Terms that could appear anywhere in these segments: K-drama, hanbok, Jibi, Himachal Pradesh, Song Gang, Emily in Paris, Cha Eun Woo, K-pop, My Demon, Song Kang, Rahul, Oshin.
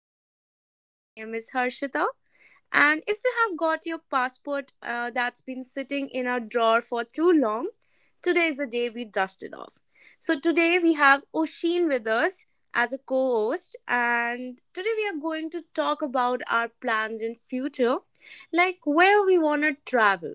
And today, my name is Harshita. And if you have got your passport that's been sitting in a drawer for too long, today is the day we dust it off. So, today we have Oshin with us as a co host, and today we are going to talk about our plans in future, like where we want to travel.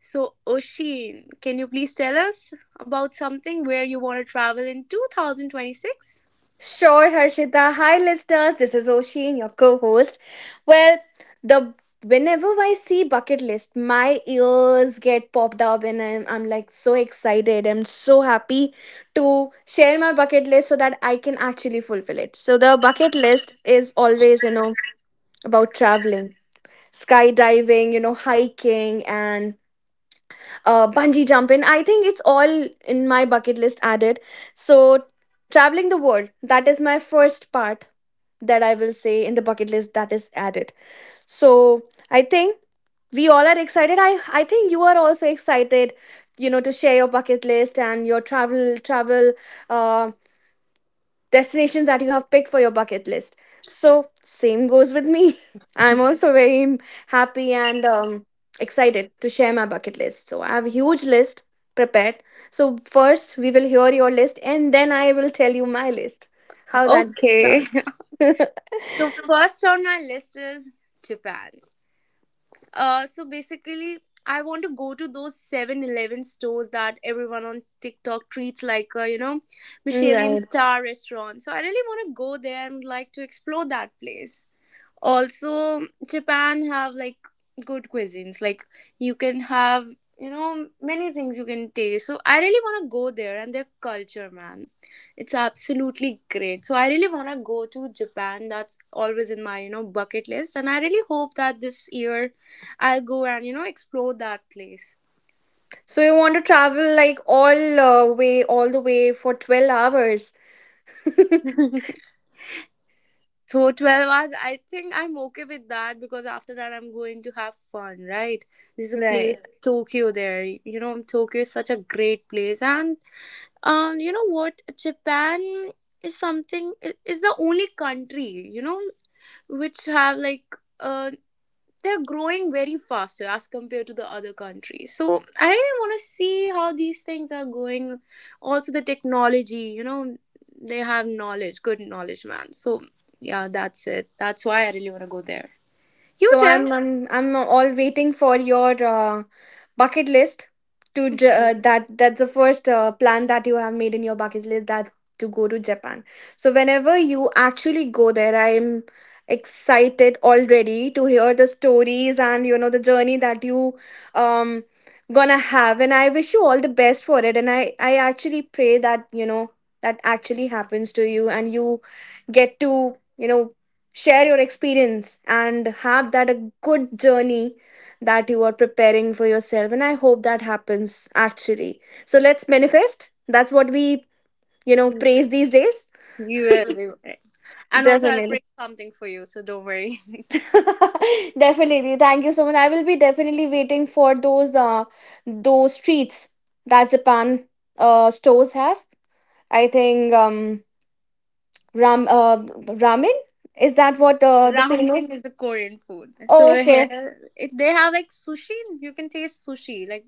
So, Oshin, can you please tell us about something where you want to travel in 2026? Sure, Harshita. Hi, listeners. This is Oshin, your co-host. Well, the whenever I see bucket list, my ears get popped up, and I'm like so excited. I'm so happy to share my bucket list so that I can actually fulfill it. So the bucket list is always, you know, about traveling, skydiving, you know, hiking, and bungee jumping. I think it's all in my bucket list added. So, traveling the world, that is my first part that I will say in the bucket list that is added. So, I think we all are excited. I think you are also excited, you know, to share your bucket list and your travel uh, destinations that you have picked for your bucket list. So, same goes with me. I'm also very happy and excited to share my bucket list. So, I have a huge list prepared. So, first we will hear your list and then I will tell you my list. How that Okay. sounds. So first on my list is Japan. So basically, I want to go to those 7-Eleven stores that everyone on TikTok treats like, you know, Michelin Right. star restaurant. So I really want to go there and like to explore that place also. Japan have like good cuisines, like you can have, you know, many things you can taste. So I really want to go there, and their culture, man, it's absolutely great. So I really want to go to Japan. That's always in my, you know, bucket list, and I really hope that this year I'll go and, you know, explore that place. So, you want to travel like all way, all the way for 12 hours. So 12 hours, I think I'm okay with that because after that I'm going to have fun, right? There's a place, Right. right, Tokyo there. You know, Tokyo is such a great place. And um, you know what? Japan is the only country, you know, which have like a, they're growing very faster as compared to the other countries. So I really want to see how these things are going. Also, the technology, you know, they have knowledge, good knowledge, man. So yeah, that's it. That's why I really want to go there. You So tell. I'm all waiting for your bucket list that's the first plan that you have made in your bucket list that to go to Japan. So whenever you actually go there, I'm excited already to hear the stories, and you know, the journey that you um gonna have. And I wish you all the best for it, and I actually pray that, you know, that actually happens to you and you get to, you know, share your experience and have that a good journey that you are preparing for yourself. And I hope that happens actually. So let's manifest. That's what we, you know, praise these days. You will. And also, I'll bring Definitely. something for you, so don't worry. Definitely thank you so much. I will be definitely waiting for those treats that Japan stores have. I think ram uh ramen, is that what the Ramen famous? is the Korean food. So here, Okay. if they have like sushi, you can taste sushi. Like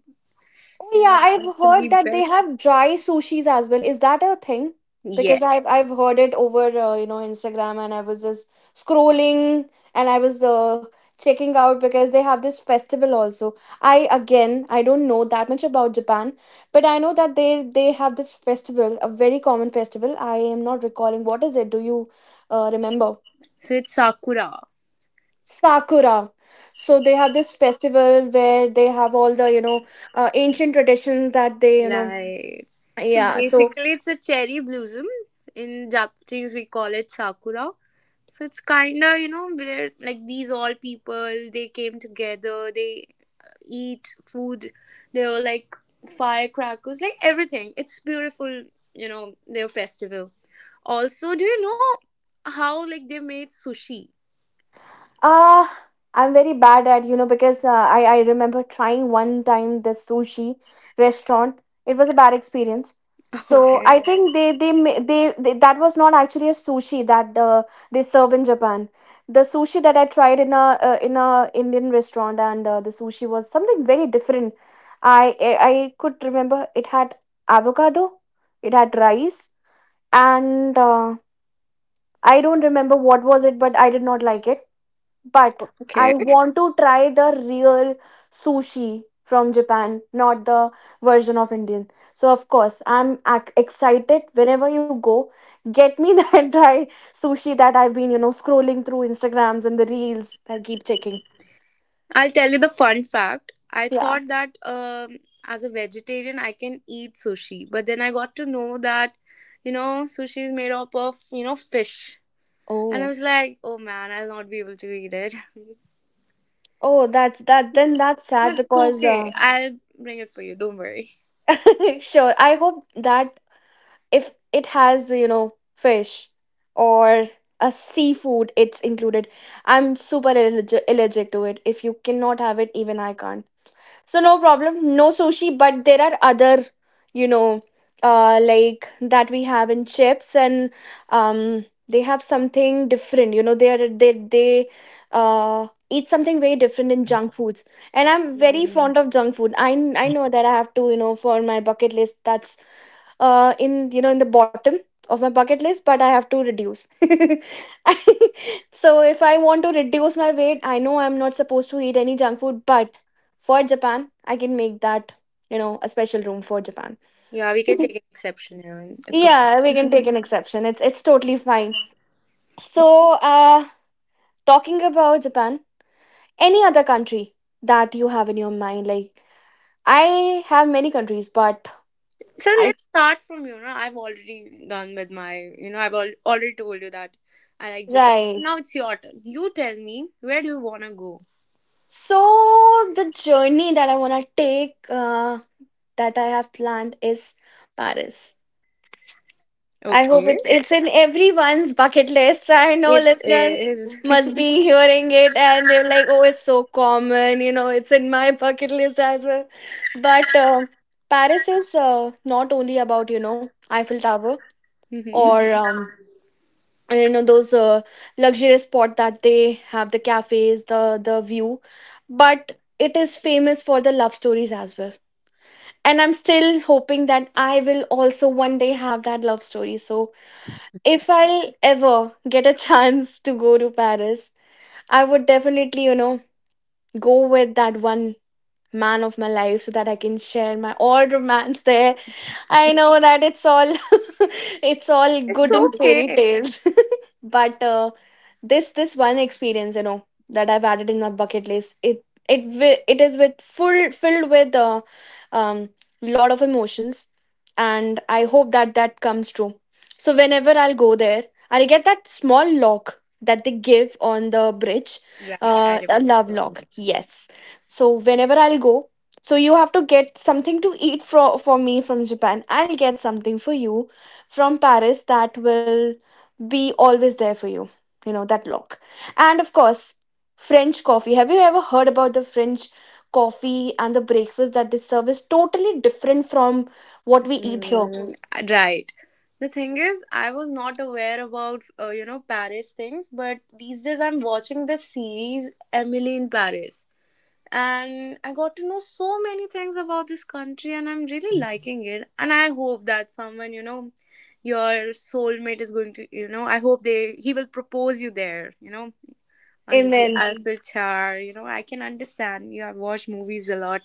they Yeah, have I've heard absolutely that they best. have dry sushis as well. Is that a thing? Yeah. Because I've heard it over you know, Instagram, and I was just scrolling, and I was checking out because they have this festival also. I again, I don't know that much about Japan, but I know that they have this festival, a very common festival. I am not recalling what is it. Do you remember? So it's sakura. Sakura. So they have this festival where they have all the, you know, ancient traditions that they, you know, Like, so yeah. So, basically, it's a cherry blossom. In Japanese, we call it sakura. So it's kind of, you know, where like these all people, they came together, they eat food, they were like firecrackers, like everything. It's beautiful, you know, their festival. Also, do you know how like they made sushi? uh, I'm very bad at, you know, because I remember trying one time the sushi restaurant. It was a bad experience. So I Okay. think they ma- they that was not actually a sushi that they serve in Japan. The sushi that I tried in a Indian restaurant, and the sushi was something very different. I could remember it had avocado, it had rice, and I don't remember what was it, but I did not like it. But I Okay. want to try the real sushi from Japan, not the version of Indian. So, of course, I'm excited whenever you go. Get me that dry sushi that I've been, you know, scrolling through Instagrams and the reels. I keep checking. I'll tell you the fun fact. I Yeah. thought that as a vegetarian, I can eat sushi, but then I got to know that, you know, sushi is made up of, you know, fish. And I Oh. was like, oh man, I'll not be able to eat it. Oh, that's that. Then that's sad But it's because, okay. I'll bring it for you. Don't worry. sure. I hope that if it has, you know, fish or a seafood, it's included. I'm super allergic to it. If you cannot have it, even I can't. So no problem, no sushi. But there are other, you know, like that we have in chips, and they have something different. You know, they are they they uh, eat something very different in junk foods, and I'm very Mm. fond of junk food. I know that I have to, you know, for my bucket list, that's in, you know, in the bottom of my bucket list, but I have to reduce. So if I want to reduce my weight, I know I'm not supposed to eat any junk food, but for Japan, I can make that, you know, a special room for Japan. Yeah, we can take an exception here. And It's okay. Yeah, we can take an exception. It's totally fine. So uh talking about Japan, any other country that you have in your mind? Like, I have many countries, but So I let's start from, you know, I've already done with my, you know, I've already told you that I like Japan. right. Now it's your turn. You tell me, where do you want to go? So the journey that I want to take, that I have planned, is Paris. I hope Okay. it's in everyone's bucket list. I know It listeners is. must be hearing it and they're like, "Oh, it's so common," you know, it's in my bucket list as well. But Paris is not only about, you know, Eiffel Tower or Mhm. Mhm. And, you know, those luxurious spot that they have, the cafes, the view, but it is famous for the love stories as well. And I'm still hoping that I will also one day have that love story. So if I'll ever get a chance to go to Paris, I would definitely, you know, go with that one man of my life so that I can share my odd romance there. I know that it's all it's all It's good in fairy okay. tales. But this one experience, you know, that I've added in my bucket list, it is with full filled with a um, lot of emotions, and I hope that that comes true. So whenever I'll go there, I'll get that small lock that they give on the bridge, Right, I a love remember. lock, yes. So whenever I'll go, so you have to get something to eat for me from Japan. I'll get something for you from Paris that will be always there for you, you know, that lock. And of course, French coffee. Have you ever heard about the French coffee, and the breakfast that they serve is totally different from what we eat here? Mm, right. The thing is, I was not aware about you know Paris things, but these days I'm watching the series Emily in Paris, and I got to know so many things about this country, and I'm really liking it. And I hope that someone, you know, your soulmate is going to, you know, I hope they he will propose you there. You know, under the Amen. Eiffel Tower. You know, I can understand. You have watched movies a lot.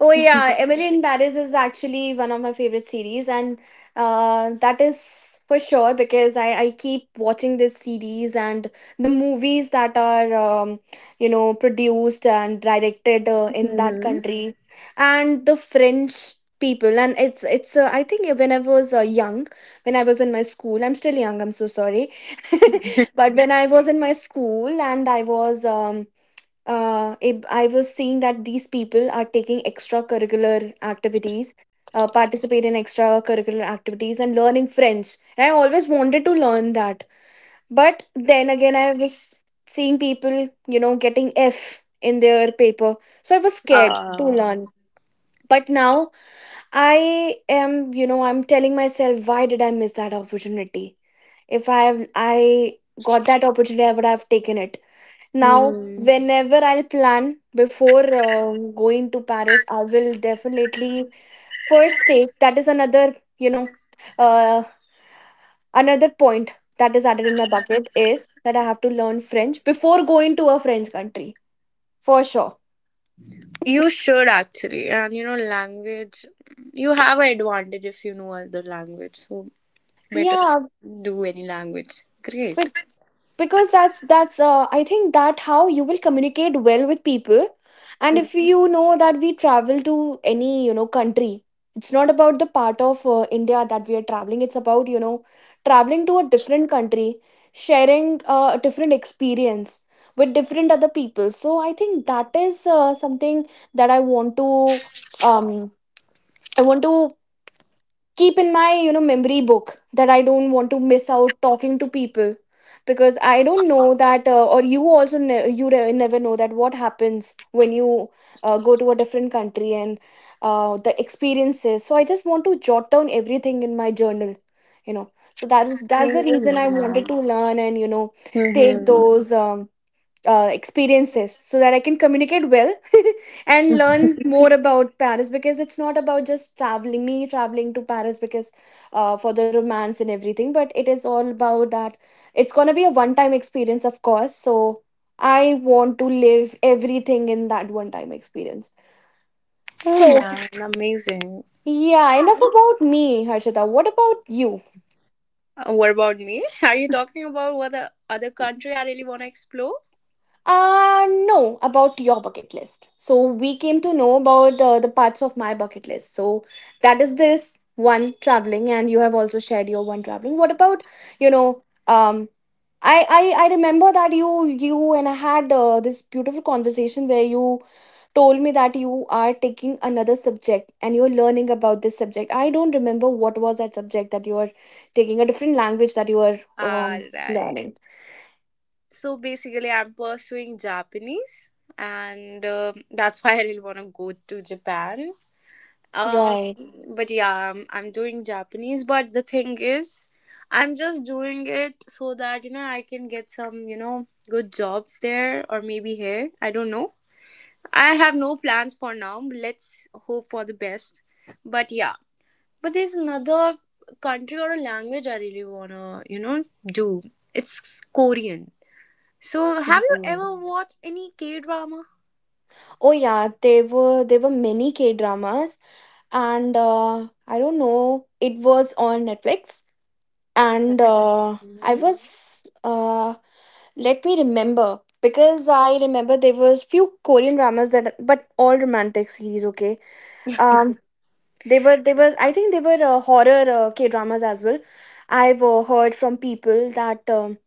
Oh yeah, Emily in Paris is actually one of my favorite series, and that is for sure, because I keep watching this series and the movies that are you know, produced and directed in that Mm-hmm. country, and the French people, and it's I think when I was young, when I was in my school. I'm still young, I'm so sorry, but when I was in my school and I was I was seeing that these people are taking extracurricular activities, participate in extracurricular activities, and learning French. And I always wanted to learn that, but then again, I was seeing people, you know, getting F in their paper, so I was scared to Uh, learn. But now I am, you know, I'm telling myself, why did I miss that opportunity? If I have, I got that opportunity, I would have taken it. Now, hmm. whenever I'll plan before going to Paris, I will definitely first take that, is another, you know, uh, another point that is added in my bucket, is that I have to learn French before going to a French country for sure. You should actually, and you know, language. You have an advantage if you know other language. So better Yeah, do any language. Great. because that's I think that how you will communicate well with people. And if you know that we travel to any, you know, country, it's not about the part of India that we are traveling, it's about, you know, traveling to a different country, sharing a different experience with different other people. So I think that is something that um I want to keep in my, you know, memory book, that I don't want to miss out talking to people, because I don't know that or you also ne- you never know that what happens when you go to a different country and the experiences. So I just want to jot down everything in my journal, you know. So that is, that's the reason I Amazing, wanted man. to learn, and, you know, take Mm-hmm. those experiences so that I can communicate well, and learn more about Paris, because it's not about just traveling, me traveling to Paris because, for the romance and everything, but it is all about that. It's gonna be a one time experience, of course. So I want to live everything in that one time experience. Oh So, man, amazing. yeah, enough about me, Harshita. What about you? What about me? Are you talking about what the other country I really want to explore? No, about your bucket list. So we came to know about the parts of my bucket list. So that is this one traveling, and you have also shared your one traveling. What about you know? I remember that you and I had this beautiful conversation where you told me that you are taking another subject and you're learning about this subject. I don't remember what was that subject that you were taking, a different language that you were Alright. learning. So basically, I'm pursuing Japanese, and um, that's why I really want to go to Japan. Um, Right. but yeah, I'm doing Japanese. But the thing is, I'm just doing it so that you know I can get some, you know, good jobs there or maybe here. I don't know. I have no plans for now. But Let's hope for the best. But yeah, but there's another country or a language I really wanna, you know, do. It's Korean. So, have you ever watched any K drama? Oh yeah, there were many K dramas, and I don't know, it was on Netflix, and I Hmm. was let me remember because I remember there was few Korean dramas that, but all romantic series. Okay, um, they were I think they were horror K dramas as well. I've heard from people that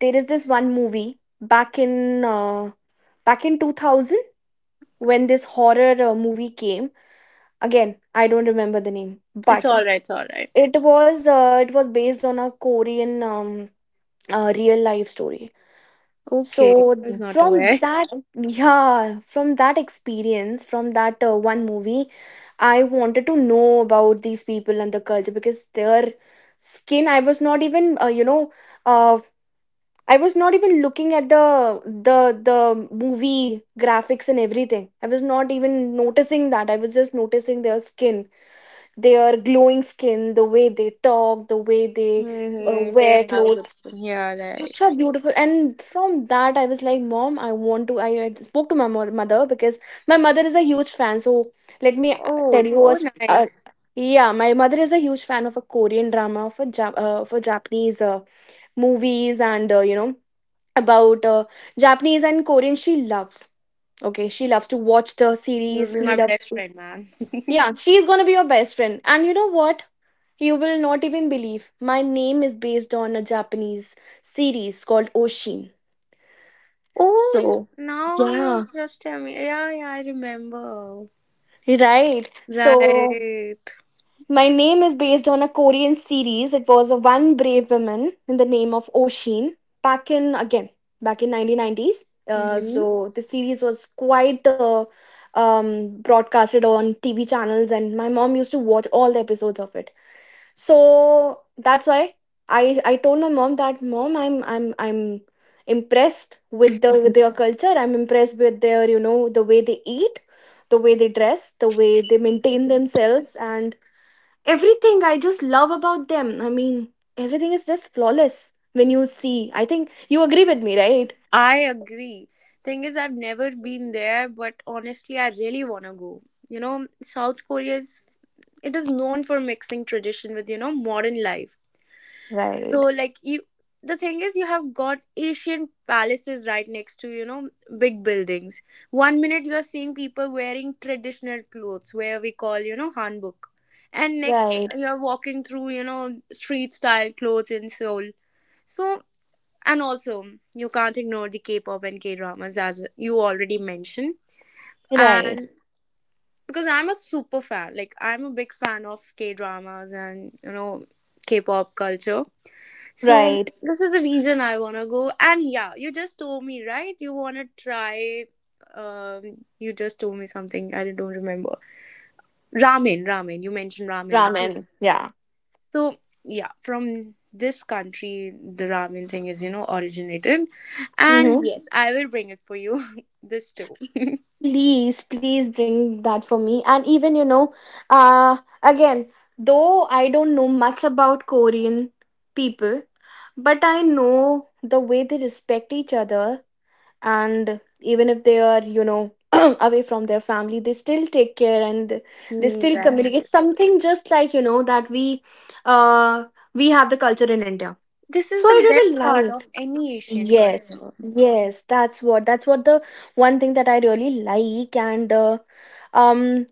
there is this one movie back in back in 2000 when this horror movie came. Again, I don't remember the name, It's but alright, it's alright. it was it was based on a Korean real life story. Okay, So, I okay. was not From aware. that, yeah, from that experience, from that one movie, I wanted to know about these people and the culture because their skin. I was not even you know. Uh, I was not even looking at the the the movie graphics and everything. I was not even noticing that. I was just noticing their skin, their glowing skin, the way they talk, the way they Hmm. They wear have a good clothes. one. Yeah, right. Such a beautiful, and from that, I was like, Mom, I want to. I spoke to my mother because my mother is a huge fan. So, let me Oh, tell you a. oh, nice. Yeah, my mother is a huge fan of a Korean drama for for Japanese movies and you know about Japanese and Korean. She loves. Okay, she loves to watch the You'll series. be She my loves. best To- friend, man. Yeah, she's gonna be your best friend. And you know what? You will not even believe my name is based on a Japanese series called Oshin. Oh, So, now you yeah, just tell me. Yeah, yeah, I remember. right. So, Right. my name is based on a Korean series. It was a One Brave Woman in the name of Oshin back in, again, back in 1990s. Hmm. So the series was quite broadcasted on TV channels, and my mom used to watch all the episodes of it. So that's why I told my mom that, Mom, I'm impressed with the, with their culture. I'm impressed with their, you know, the way they eat, the way they dress, the way they maintain themselves, and everything. I just love about them. I mean, everything is just flawless when you see. I think you agree with me, right? I agree. Thing is, I've never been there, but honestly, I really want to go. You know, South Korea is. It is known for mixing tradition with, you know, modern life. So Right. like you, the thing is you have got ancient palaces right next to, you know, big buildings. One minute you're seeing people wearing traditional clothes where we call, you know, hanbok, and next Right. you're walking through, you know, street style clothes in Seoul. So and also you can't ignore the K-pop and K-dramas as you already mentioned. Right. And because I'm a super fan, like I'm a big fan of K-dramas and, you know, K-pop culture, so Right. this is the reason I wanna go. And yeah, you just told me, right? You wanna try um, you just told me something I don't remember. Ramen. You mentioned ramen, right? Ramen, yeah. So yeah, from this country the ramen thing is, you know, originated. And Hmm. yes, I will bring it for you. This too. Please, please bring that for me. And even, you know, uh again, though I don't know much about Korean people, but I know the way they respect each other. And even if they are, you know, away from their family, they still take care, and they Mm, still, mhm, communicate right. something, just like, you know, that uh we have the culture in India. This So is I the best really part liked. of any Asian Yes. culture. Yes, that's what, that's what the one thing that I really like. And um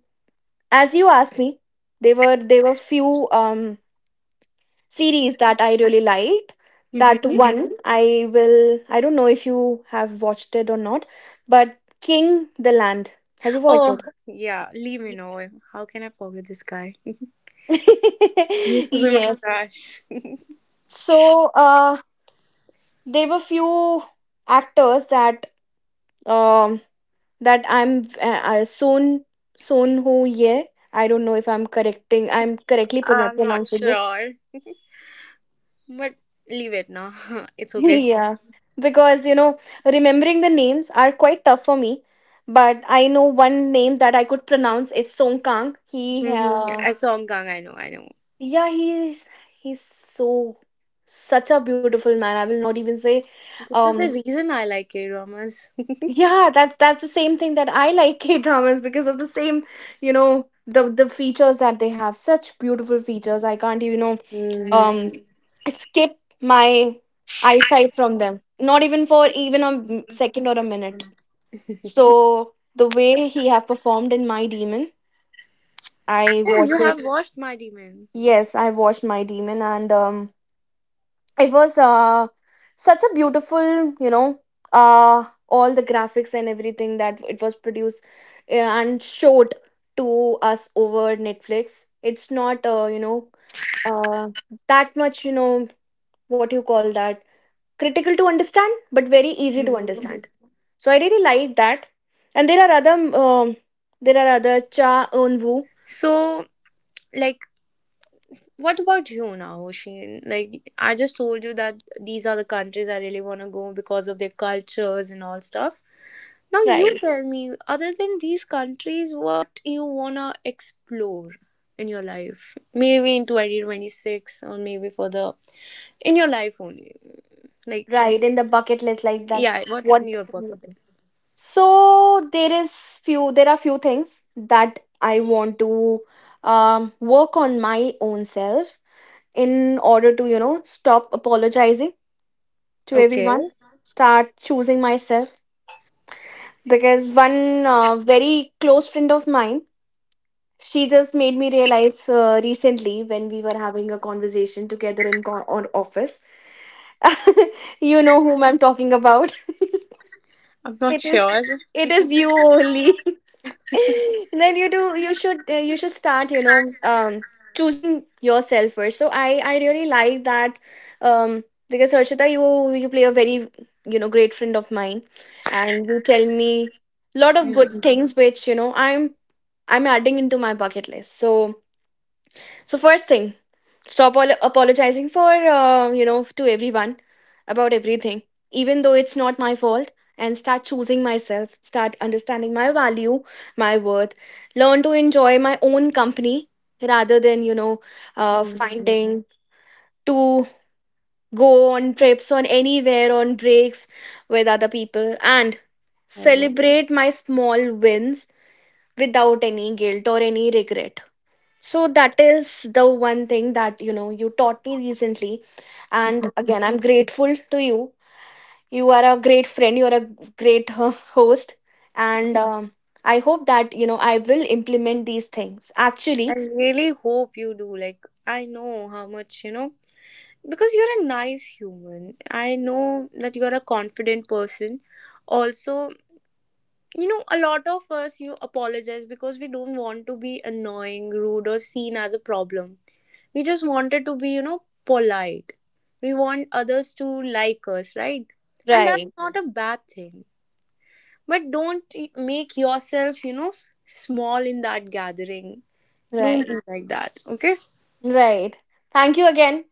as you asked me, there were, there were few series that I really liked. That, mhm, Hmm. one. I will, I don't know if you have watched it or not, but King the Land. Have you watched it? Oh yeah, leave me know. How can I forget this guy? He used to be my Yes. crush. So there were few actors that um that I'm Son, Son Ho Ye. I don't know if I'm correcting, I'm correctly I'm not pronouncing it. sure, but leave it now. It's okay. Yeah, because, you know, remembering the names are quite tough for me. But I know one name that I could pronounce. It's Song Kang. He, Mm-hmm. A song gang, I know, I know. yeah, he's so such a beautiful man. I will not even say, This is um, the reason I like K dramas. yeah, that's the same thing that I like K dramas because of the same, you know, the features that they have. Such beautiful features. I can't even, you know, Hmm. Skip my eyesight from them. Not even for even a second or a minute. So the way he have performed in My Demon, I Oh, you watched have it. watched My Demon. Yes, I watched My Demon, and it was such a beautiful, you know, all the graphics and everything that it was produced and showed to us over Netflix. It's not you know uh that much, you know, what you call that, critical to understand, but very easy to Hmm. understand. So I really like that. And Right. There are other Cha Eun Woo. So, like, what about you now, Oshin? Like I just told you that these are the countries I really want to go because of their cultures and all stuff. Now you Right, tell me, other than these countries, what you wanna explore in your life? Maybe in 2026, or maybe for the in your life only. Like right. In the bucket list, like that. yeah, what's in What? your bucket list? So there is few. There are few things that I want to work on my own self in order to, you know, stop apologizing to Okay, everyone, start choosing myself. Because one very close friend of mine, she just made me realize recently when we were having a conversation together in on office. You know whom I'm talking about. I'm not It is, sure. it is you only. Then you do you should start, you know, choosing yourself first. So I really like that, because Harshita, you play a very, you know, great friend of mine. And you tell me lot of good things which, you know, I'm adding into my bucket list. So, so first thing, stop all apologizing for, you know, to everyone about everything, even though it's not my fault. And start choosing myself. Start understanding my value, my worth. Learn to enjoy my own company, rather than, you know, Mm, mm, finding to go on trips on anywhere on breaks with other people, and I celebrate my small wins without any guilt or any regret. So that is the one thing that, you know, you taught me recently, and again I'm grateful to you. You are a great friend. You are a great host, and I hope that, you know, I will implement these things. I Actually, really hope you do. Like I know how much you know, because you're a nice human. I know that you're a confident person. Also, you know a lot of us, you apologize because we don't want to be annoying, rude, or seen as a problem. We just wanted to be, you know, polite. We want others to like us, right? And that's right, not a bad thing, but don't make yourself, you know, small in that gathering. Don't be right, like that, okay? right. Thank you again.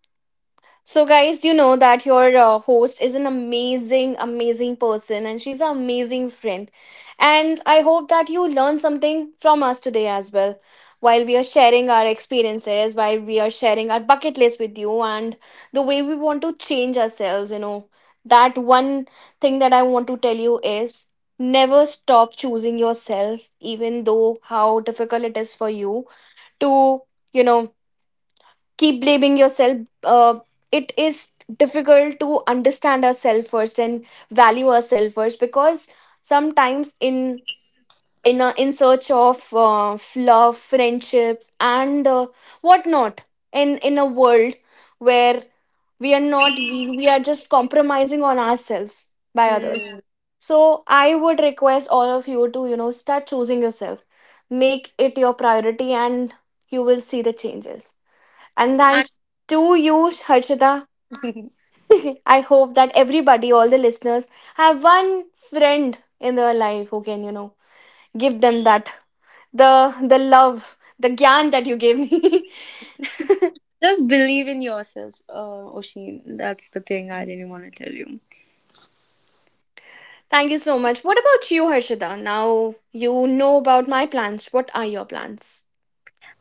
So, guys, you know that your host is an amazing, amazing person, and she's an amazing friend. And I hope that you learn something from us today as well, while we are sharing our experiences, while we are sharing our bucket list with you, and the way we want to change ourselves. You know, that one thing that I want to tell you is, never stop choosing yourself, even though how difficult it is for you to, you know, keep blaming yourself. uh, it is difficult to understand ourselves first and value ourselves first, because sometimes in a, in search of love, friendships, and whatnot, in a world where we are not, we are just compromising on ourselves by Hmm. others. So I would request all of you to, you know, start choosing yourself, make it your priority, and you will see the changes. And and thanks to you, Harshita. I hope that everybody, all the listeners, have one friend in their life who can, you know, give them that, the love, the gyan that you gave me. Just believe in yourself, Oshin. That's the thing I really want to tell you. Thank you so much. What about you, Harshita? Now you know about my plans. What are your plans?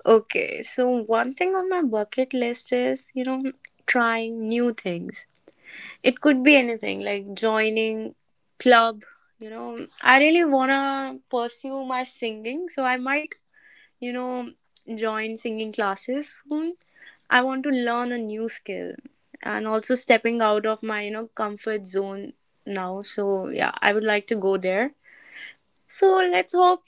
Okay, so one thing on my bucket list is, you know, trying new things. It could be anything like joining club, you know. I really want to pursue my singing, so I might, you know, join singing classes soon. I want to learn a new skill and also stepping out of my, you know, comfort zone now. So, yeah, I would like to go there. So let's hope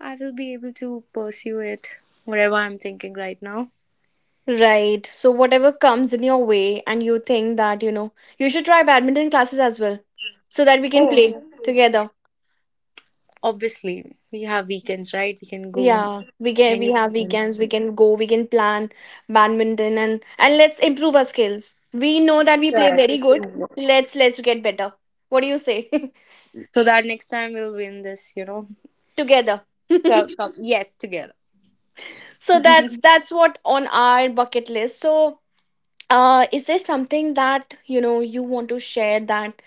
I will be able to pursue it, whatever I'm thinking right now. Right. So whatever comes in your way and you think that, you know, you should try badminton classes as well. So that we can play together. Obviously, we have weekends, right? We can go Yeah, we get, any. we have weekends, we can go, we can plan badminton, and let's improve our skills. We know that we play Yeah, very just good. in Let's get better. What do you say? so that next time we'll win this, you know. Together. So yes, together. So that's what on our bucket list. So is there something that, you know, you want to share, that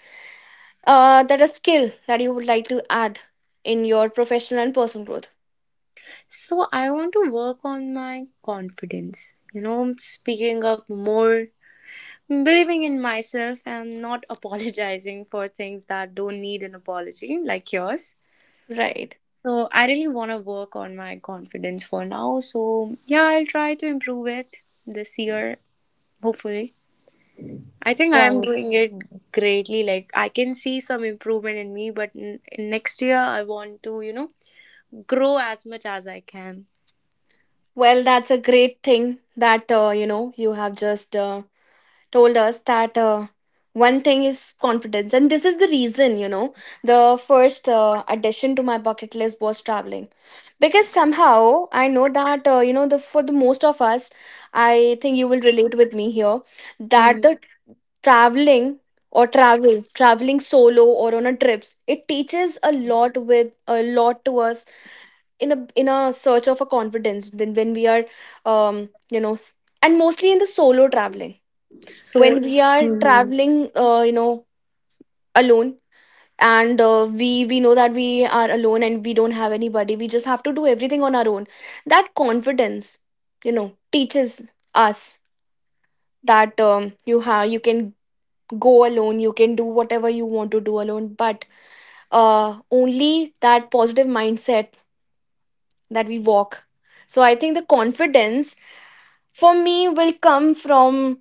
that a skill that you would like to add in your professional and personal growth? So I want to work on my confidence. You know, speaking up more, believing in myself, and not apologizing for things that don't need an apology, like yours. Right. So I really want to work on my confidence for now. So yeah, I'll try to improve it this year, hopefully. I think I am Right. doing it greatly. Like I can see some improvement in me, but next year I want to, you know, grow as much as I can. Well, that's a great thing that, you know, you have just told us that, one thing is confidence. And this is the reason, you know, the first addition to my bucket list was traveling, because somehow I know that, you know, the for the most of us, I think you will relate with me here, that the traveling, or traveling solo or on a trips, it teaches a lot with a lot to us in a, in a search of a confidence. Than when we are, um you know, and mostly in the solo traveling, So, when we are mhm, traveling, you know, alone, and we know that we are alone and we don't have anybody, we just have to do everything on our own. That confidence, you know, teaches us that, you have, you can go alone, you can do whatever you want to do alone. But only that positive mindset that we walk. So I think the confidence for me will come from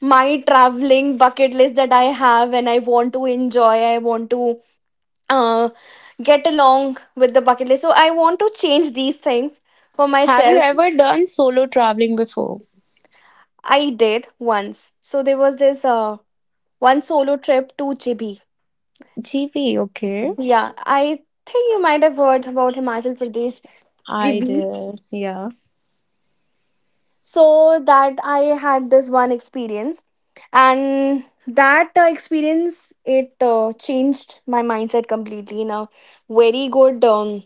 my traveling bucket list that I have, and I want to enjoy, I want to, uh, get along with the bucket list. So I want to change these things for have you myself. ever done solo traveling before? I did once. So there was this one solo trip to Jibi. GP, okay. Yeah, I think you might have heard about Himachal Pradesh, I Jibi. did, yeah. So that I had this one experience, and that experience, it changed my mindset completely in a very good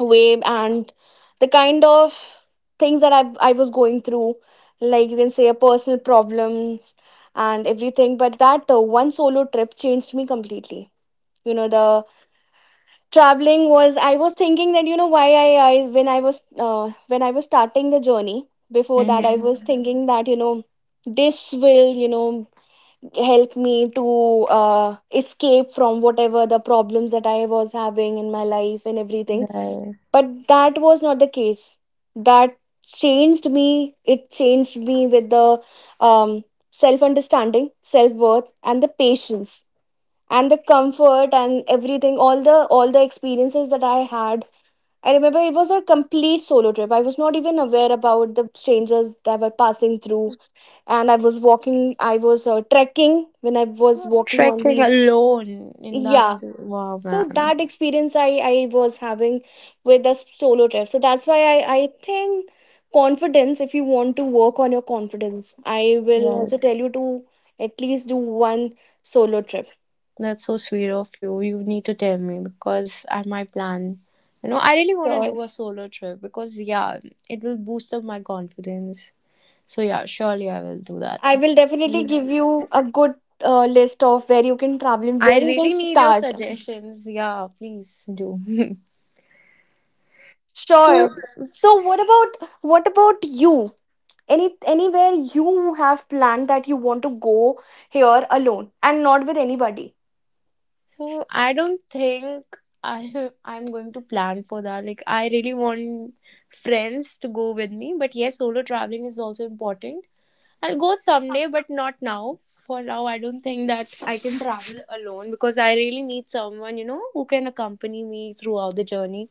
way. And the kind of things that I was going through, like you can say a personal problems and everything, but that one solo trip changed me completely. You know, the traveling was, I was thinking that, you know, why I when I was when I was starting the journey, before that I was Mhm. thinking that, you know, this will, you know, help me to escape from whatever the problems that I was having in my life and everything. Right. But that was not the case. That changed me, it changed me with the um, self understanding, self worth, and the patience, and the comfort and everything, all the, all the experiences that I had. I remember it was a complete solo trip. I was not even aware about the strangers that were passing through. And I was walking, I was trekking when I was walking on Trekking these, alone in that, yeah. wow, So man. that experience I was having with the solo trip. So that's why I think, confidence, if you want to work on your confidence, I will also tell you to at least do one solo trip. That's so sweet of you. You need to tell me because I might plan. You know, I really want to So do a solo trip because, yeah, it will boost up my confidence. So, yeah, surely I will do that. I will definitely Mm. give you a good list of where you can travel and I where you can really need your start. suggestions. Yeah, please do. So, Sure. So what about, what about you? Any, anywhere you have planned that you want to go here, alone and not with anybody? so I don't think I'm going to plan for that. Like, I really want friends to go with me, but yes, solo traveling is also important. I'll go someday, but not now. For now, I don't think that I can travel alone because I really need someone, you know, who can accompany me throughout the journey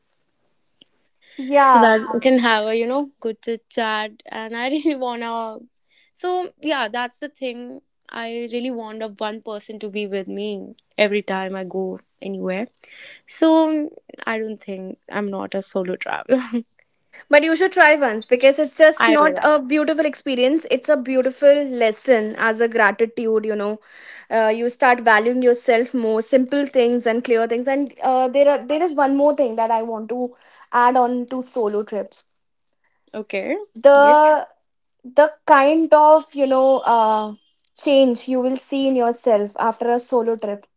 so Yeah. that we can have a, you know, good chit chat. And I really wanna. So, yeah, that's the thing. I really want a one person to be with me every time I go anywhere. So, I don't think I'm not a solo traveler. But you should try once, because it's just I will. not Like, a beautiful experience, it's a beautiful lesson, as a gratitude, you know. You start valuing yourself more, simple things and clear things. And there are, there is one more thing that I want to add on to solo trips. okay. Yes. The the kind of, you know, change you will see in yourself after a solo trip,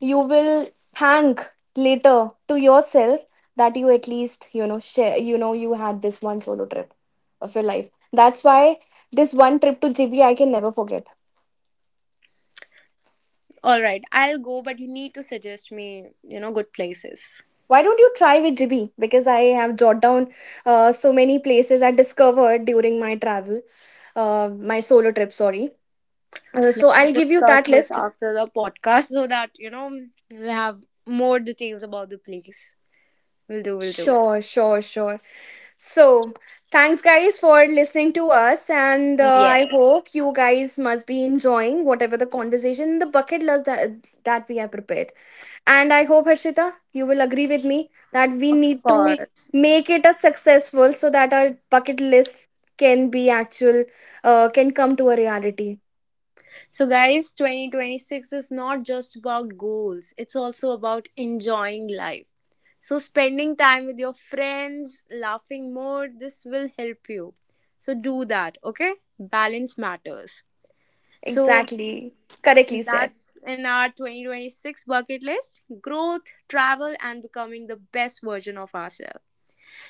you will thank later to yourself, that you at least, you know, share, you know, you had this one solo trip of your life. That's why this one trip to GB I can never forget. All right. I'll go, but you need to suggest me, you know, good places. Why don't you try with GB, because I have jotted down so many places I discovered during my travel, uh, my solo trip, sorry. Let's So I'll give you discuss that this list. after the podcast so that, you know, we'll have more details about the place. We'll do, we'll do. Sure, sure, sure. So, thanks guys for listening to us, and I Yes, hope you guys must be enjoying whatever the conversation, the bucket list that we have prepared. And I hope Harshita, you will agree with me that we of need to course. make it a successful, so that our bucket list can be actual, can come to a reality. So, guys, 2026 is not just about goals, it's also about enjoying life. So, spending time with your friends, laughing more, this will help you. So, do that, okay? Balance matters. So, Exactly, correctly said. that's in our 2026 bucket list growth, travel, and becoming the best version of ourselves.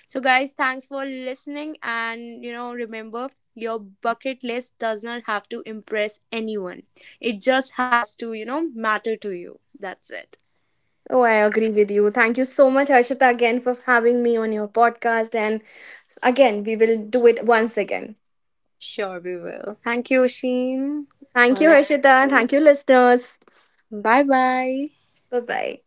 So, guys, thanks for listening. And you know, remember your bucket list does not have to impress anyone, it just has to, you know, matter to you. That's it. Oh, I agree with you. Thank you so much, Harshita, again for having me on your podcast. And again, we will do it once again. Sure, we will. Thank you, Sheen. Thank All you, right. Harshita. Thank you, listeners. Bye bye. Bye bye.